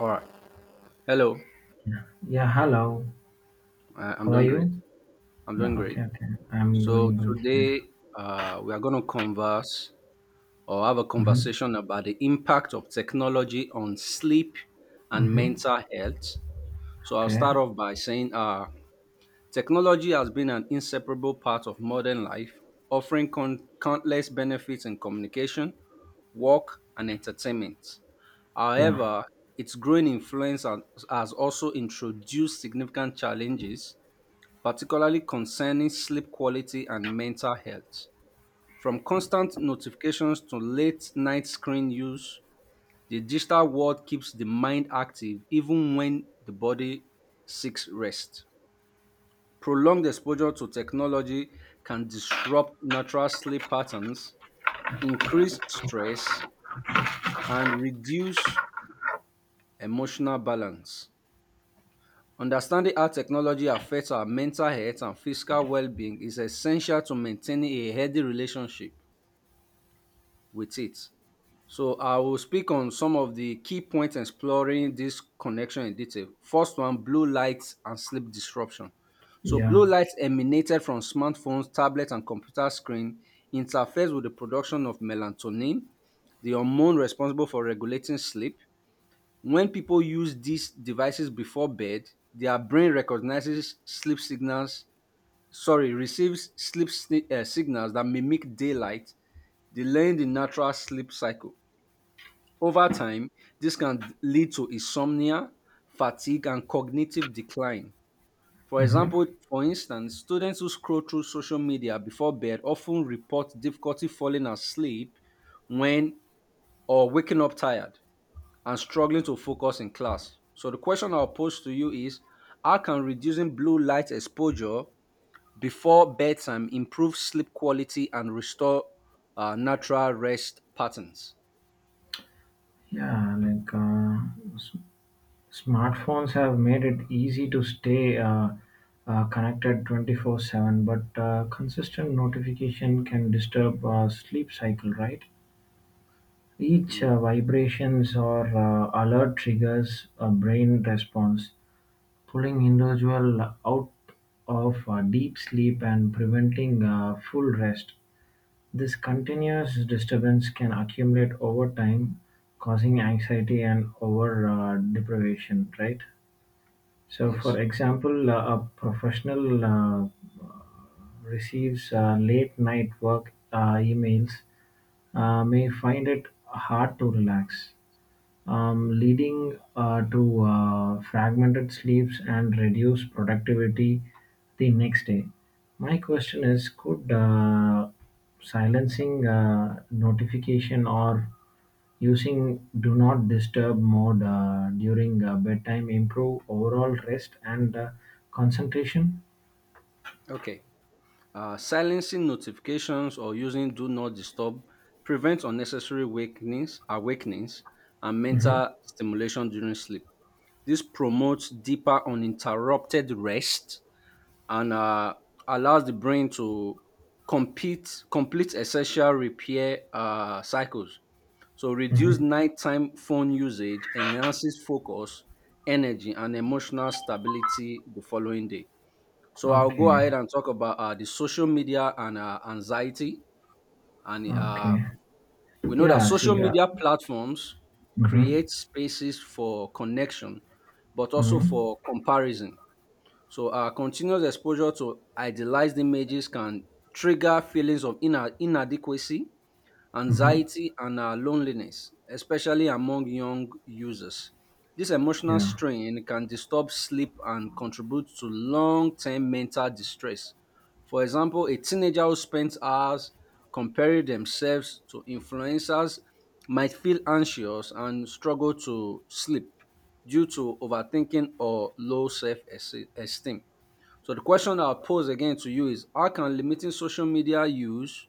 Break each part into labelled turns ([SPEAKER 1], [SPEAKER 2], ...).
[SPEAKER 1] All right. Hello.
[SPEAKER 2] Yeah. Yeah. Hello.
[SPEAKER 1] I'm
[SPEAKER 2] How are
[SPEAKER 1] doing great.
[SPEAKER 2] you?
[SPEAKER 1] I'm doing
[SPEAKER 2] Yeah.
[SPEAKER 1] great.
[SPEAKER 2] Okay. Okay. I'm
[SPEAKER 1] So
[SPEAKER 2] doing good
[SPEAKER 1] today
[SPEAKER 2] here.
[SPEAKER 1] we are going to converse or have a
[SPEAKER 2] Mm-hmm.
[SPEAKER 1] conversation about the impact of technology on sleep and
[SPEAKER 2] Mm-hmm.
[SPEAKER 1] mental health. So I'll
[SPEAKER 2] Okay.
[SPEAKER 1] start off by saying technology has been an inseparable part of modern life, offering countless benefits in communication, work, and entertainment.
[SPEAKER 2] Yeah.
[SPEAKER 1] However, its growing influence has also introduced significant challenges particularly concerning sleep quality and mental health. From constant notifications to late night screen use, the digital world keeps the mind active even when the body seeks rest. Prolonged exposure to technology can disrupt natural sleep patterns, increase stress, and reduce emotional balance. Understanding how technology affects our mental health and physical well-being is essential to maintaining a healthy relationship with it. So I will speak on some of the key points exploring this connection in detail. First one, blue light and sleep disruption. So
[SPEAKER 2] Yeah.
[SPEAKER 1] blue light emanated from smartphones, tablets and computer screen interferes with the production of melatonin, the hormone responsible for regulating sleep, when people use these devices before bed, their brain recognizes sleep signals, sorry, receives sleep signals that mimic daylight, delaying the natural sleep cycle. Over time, this can lead to insomnia, fatigue, and cognitive decline. For example,
[SPEAKER 2] Mm-hmm.
[SPEAKER 1] for instance, students who scroll through social media before bed often report difficulty falling asleep when or waking up tired and struggling to focus in class. So the question I'll pose to you is how can reducing blue light exposure before bedtime improve sleep quality and restore natural rest patterns?
[SPEAKER 2] Yeah. Like smartphones have made it easy to stay connected 24/7, but consistent notification can disturb sleep cycle, right? Each
[SPEAKER 1] Ye-
[SPEAKER 2] vibrations or alert triggers a brain response, pulling individuals out of deep sleep and preventing full rest. This continuous disturbance can accumulate over time, causing anxiety and over deprivation, right? So, for
[SPEAKER 1] Yes.
[SPEAKER 2] example, a professional uh, receives late night work emails may find it hard to relax, leading to fragmented sleeps and reduced productivity the next day. My question is, could silencing notification or using do not disturb mode during bedtime improve overall rest and concentration?
[SPEAKER 1] Okay. Silencing notifications or using do not disturb prevents unnecessary awakenings and
[SPEAKER 2] Mm-hmm.
[SPEAKER 1] mental stimulation during sleep. This promotes deeper uninterrupted rest and allows the brain to complete essential repair cycles. So reduce
[SPEAKER 2] Mm-hmm.
[SPEAKER 1] nighttime phone usage enhances focus, energy, and emotional stability the following day. So I'll go ahead
[SPEAKER 2] Okay.
[SPEAKER 1] and talk about the social media and anxiety. And
[SPEAKER 2] Okay.
[SPEAKER 1] we know that
[SPEAKER 2] Yeah.
[SPEAKER 1] social
[SPEAKER 2] See.
[SPEAKER 1] media platforms
[SPEAKER 2] Mm-hmm.
[SPEAKER 1] create spaces for connection, but also
[SPEAKER 2] Mm-hmm.
[SPEAKER 1] for comparison so our continuous exposure to idealized images can trigger feelings of inadequacy,
[SPEAKER 2] Mm-hmm.
[SPEAKER 1] anxiety, and loneliness, especially among young users. This emotional
[SPEAKER 2] Yeah.
[SPEAKER 1] strain can disturb sleep and contribute to long term mental distress. For example, a teenager who spends hours comparing themselves to influencers might feel anxious and struggle to sleep due to overthinking or low self esteem. So the question I'll pose again to you is how can limiting social media use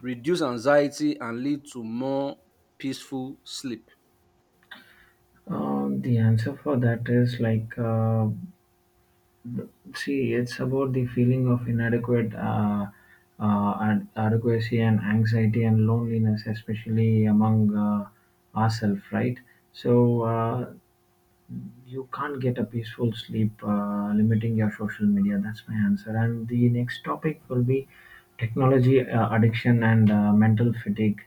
[SPEAKER 1] reduce anxiety and lead to more peaceful sleep?
[SPEAKER 2] The answer for that is like, see, it's about the feeling of adequacy and anxiety and loneliness, especially among ourselves, right? So you can't get a peaceful sleep limiting your social media. That's my answer. And the next topic will be technology addiction and mental fatigue.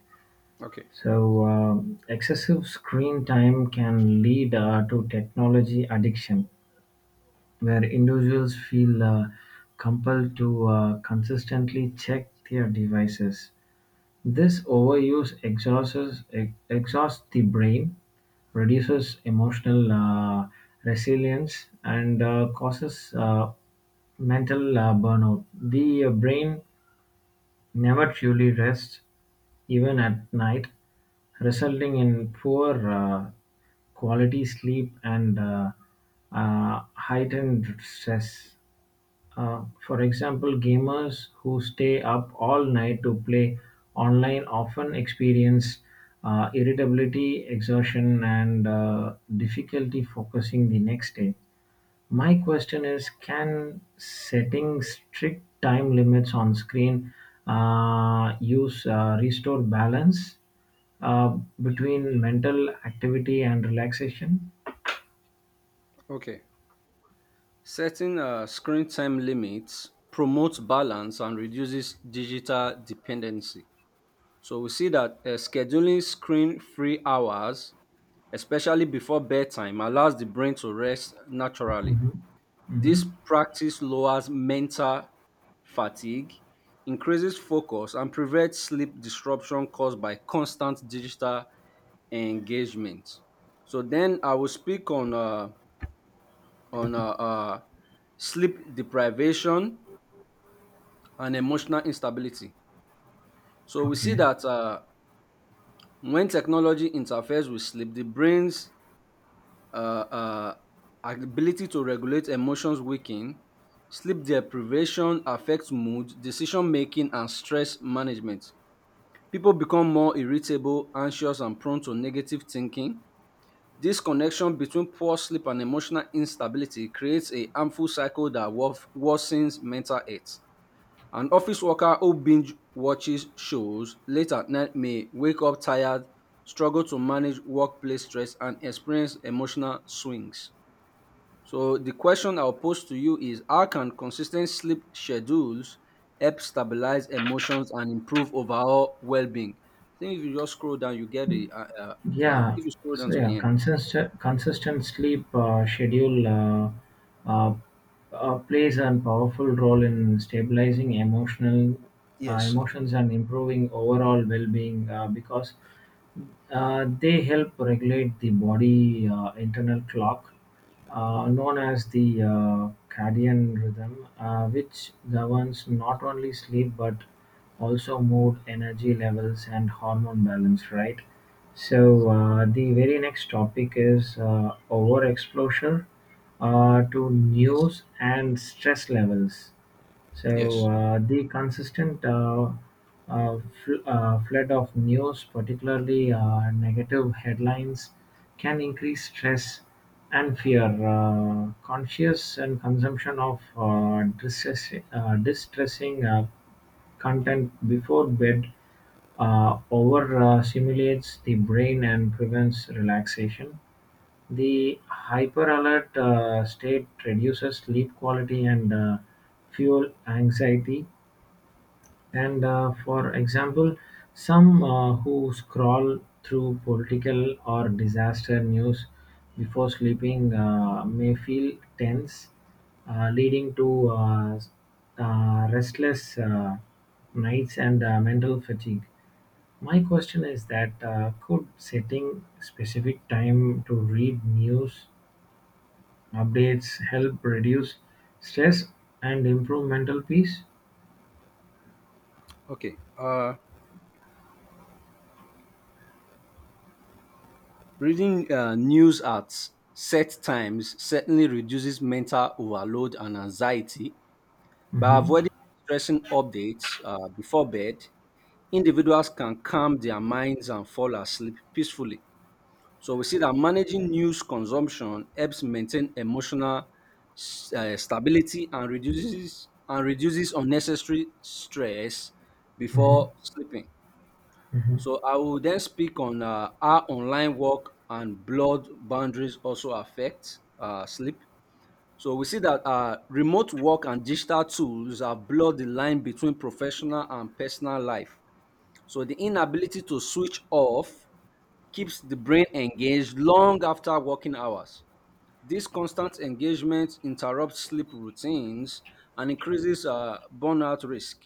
[SPEAKER 1] Okay,
[SPEAKER 2] So, excessive screen time can lead to technology addiction, where individuals feel compelled to consistently check their devices. This overuse exhausts the brain, reduces emotional resilience, and causes mental burnout. The brain never truly rests, even at night, resulting in poor quality sleep and heightened stress. For example, gamers who stay up all night to play online often experience irritability, exhaustion, and difficulty focusing the next day. My question is, can setting strict time limits on screen use restore balance uh, between mental activity and relaxation?
[SPEAKER 1] okay. Setting screen time limits promotes balance and reduces digital dependency. So we see that scheduling screen free hours, especially before bedtime, allows the brain to rest naturally.
[SPEAKER 2] hmm hmm
[SPEAKER 1] This practice lowers mental fatigue, increases focus, and prevents sleep disruption caused by constant digital engagement. So then I will speak on on uh, uh, sleep deprivation and emotional instability. So we see
[SPEAKER 2] Okay.
[SPEAKER 1] that when technology interferes with sleep, the brain's uh, uh, ability to regulate emotions weaken, sleep deprivation affects mood, decision making, and stress management. People become more irritable, anxious, and prone to negative thinking. This connection between poor sleep and emotional instability creates a harmful cycle that worsens mental health. An office worker who binge watches shows late at night may wake up tired, struggle to manage workplace stress, and experience emotional swings. So the question I'll pose to you is how can consistent sleep schedules help stabilize emotions and improve overall well-being? I think if you just scroll down, you get the
[SPEAKER 2] Yeah.
[SPEAKER 1] if you scroll down
[SPEAKER 2] So
[SPEAKER 1] to
[SPEAKER 2] yeah,
[SPEAKER 1] the end.
[SPEAKER 2] consistent sleep schedule uh, plays a powerful role in stabilizing emotional
[SPEAKER 1] Yes,
[SPEAKER 2] emotions and improving overall well-being, because they help regulate the body internal clock, known as the circadian rhythm, which governs not only sleep but also mood, energy levels, and hormone balance. Right. So the very next topic is overexposure to
[SPEAKER 1] yes,
[SPEAKER 2] news and stress levels. So
[SPEAKER 1] yes.
[SPEAKER 2] the consistent flood of news, particularly negative headlines, can increase stress and fear. Conscious and consumption of distressing content before bed over stimulates the brain and prevents relaxation. The hyperalert state reduces sleep quality and fuel anxiety. And for example, some who scroll through political or disaster news before sleeping may feel tense, leading to restless nights and mental fatigue. My question is that, could setting specific time to read news updates help reduce stress and improve mental peace?
[SPEAKER 1] Okay. Reading news at set times certainly reduces mental overload and anxiety by
[SPEAKER 2] Mhm,
[SPEAKER 1] avoiding stressing updates before bed. Individuals can calm their minds and fall asleep peacefully. So we see that managing news consumption helps maintain emotional stability and reduces unnecessary stress
[SPEAKER 2] mhm,
[SPEAKER 1] before sleeping.
[SPEAKER 2] mhm.
[SPEAKER 1] So I will then speak on how online work and blood boundaries also affect sleep. So we see that remote work and digital tools have blurred the line between professional and personal life. So the inability to switch off keeps the brain engaged long after working hours. This constant engagement interrupts sleep routines and increases burnout risk.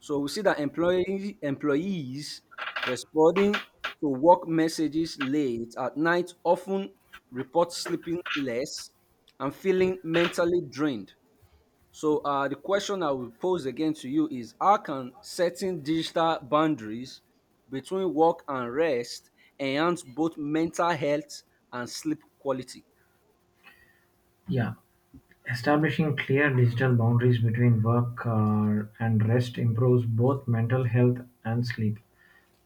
[SPEAKER 1] So we see that employees responding to work messages late at night often report sleeping less and feeling mentally drained. So the question I will pose again to you is how can setting digital boundaries between work and rest enhance both mental health and sleep quality?
[SPEAKER 2] Yeah, establishing clear digital boundaries between work and rest improves both mental health and sleep.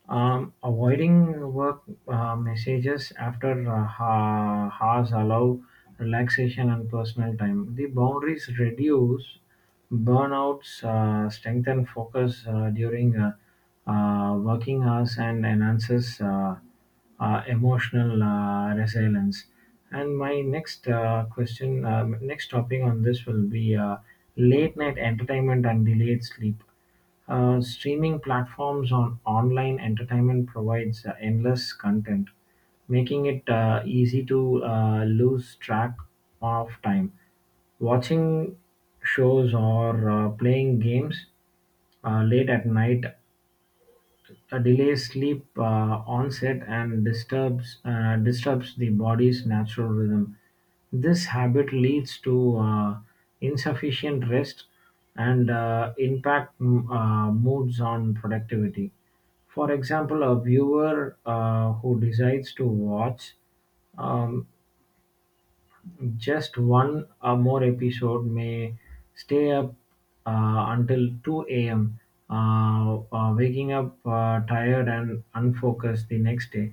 [SPEAKER 2] Avoiding work messages after hours allow relaxation and personal time. The boundaries reduce burnouts, strengthen focus during working hours, and enhances emotional resilience. And my next next topic on this will be late night entertainment and delayed sleep. Streaming platforms on online entertainment provides endless content, making it easy to lose track of time. Watching shows or playing games late at night delays sleep onset and disturbs the body's natural rhythm. This habit leads to insufficient rest and impact moods on productivity. For example, a viewer who decides to watch um, just one or more episode may stay up until two a.m., waking up tired and unfocused the next day.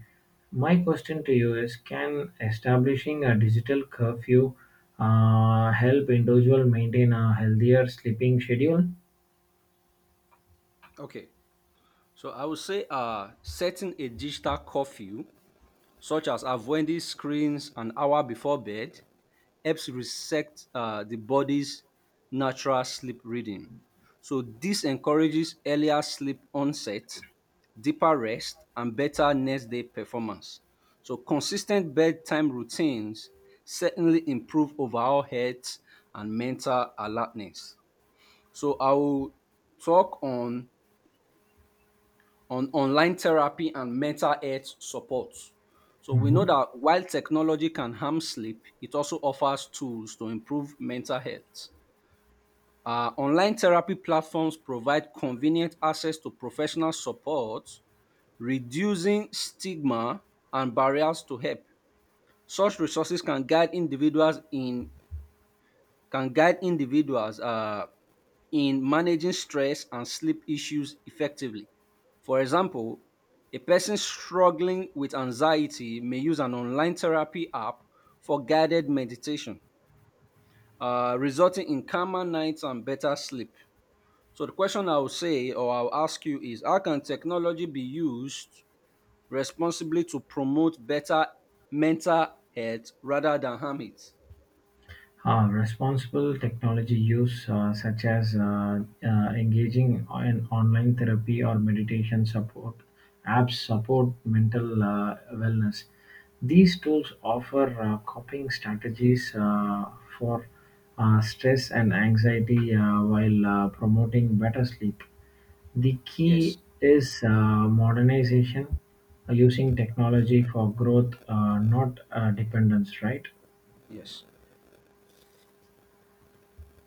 [SPEAKER 2] My question to you is, can establishing a digital curfew help individual maintain a healthier sleeping schedule?
[SPEAKER 1] Okay, so I would say setting a digital curfew such as avoiding screens an hour before bed helps reset the body's natural sleep rhythm. So this encourages earlier sleep onset, deeper rest, and better next day performance. So consistent bedtime routines certainly improve overall health and mental alertness. So I will talk on online therapy and mental health support. So we know
[SPEAKER 2] Mhm.
[SPEAKER 1] that while technology can harm sleep, it also offers tools to improve mental health. Online therapy platforms provide convenient access to professional support, reducing stigma and barriers to help. Such resources can guide individuals in can guide individuals in managing stress and sleep issues effectively. For example, a person struggling with anxiety may use an online therapy app for guided meditation, resulting in calmer nights and better sleep. So, the question I will say or I'll ask you is how can technology be used responsibly to promote better mental health rather than harm it?
[SPEAKER 2] Responsible technology use, such as engaging in online therapy or meditation support apps, support mental wellness. These tools offer coping strategies for stress and anxiety while promoting better sleep. The
[SPEAKER 1] Yes,
[SPEAKER 2] key is modernization, using technology for growth, not dependence, right?
[SPEAKER 1] yes,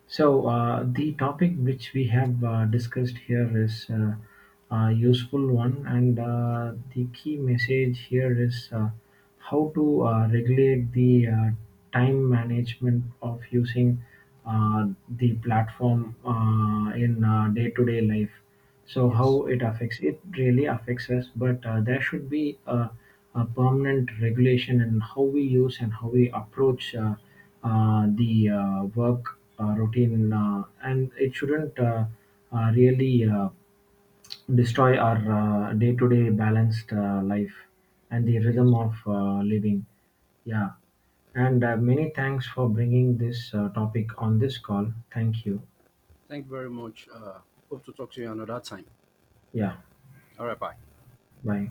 [SPEAKER 2] So, the topic which we have discussed here is a useful one, and the key message here is how to regulate the time management of using the platform in day-to-day life. So,
[SPEAKER 1] yes,
[SPEAKER 2] how it affects it really affects us, but there should be a permanent regulation in how we use and how we approach the work routine, and it shouldn't really destroy our day-to-day balanced life and the
[SPEAKER 1] yes.
[SPEAKER 2] rhythm of living. Yeah, and many thanks for bringing this topic on this call. Thank you.
[SPEAKER 1] Thank you very much. Hope to talk to you another time.
[SPEAKER 2] Yeah,
[SPEAKER 1] All right, bye.
[SPEAKER 2] bye.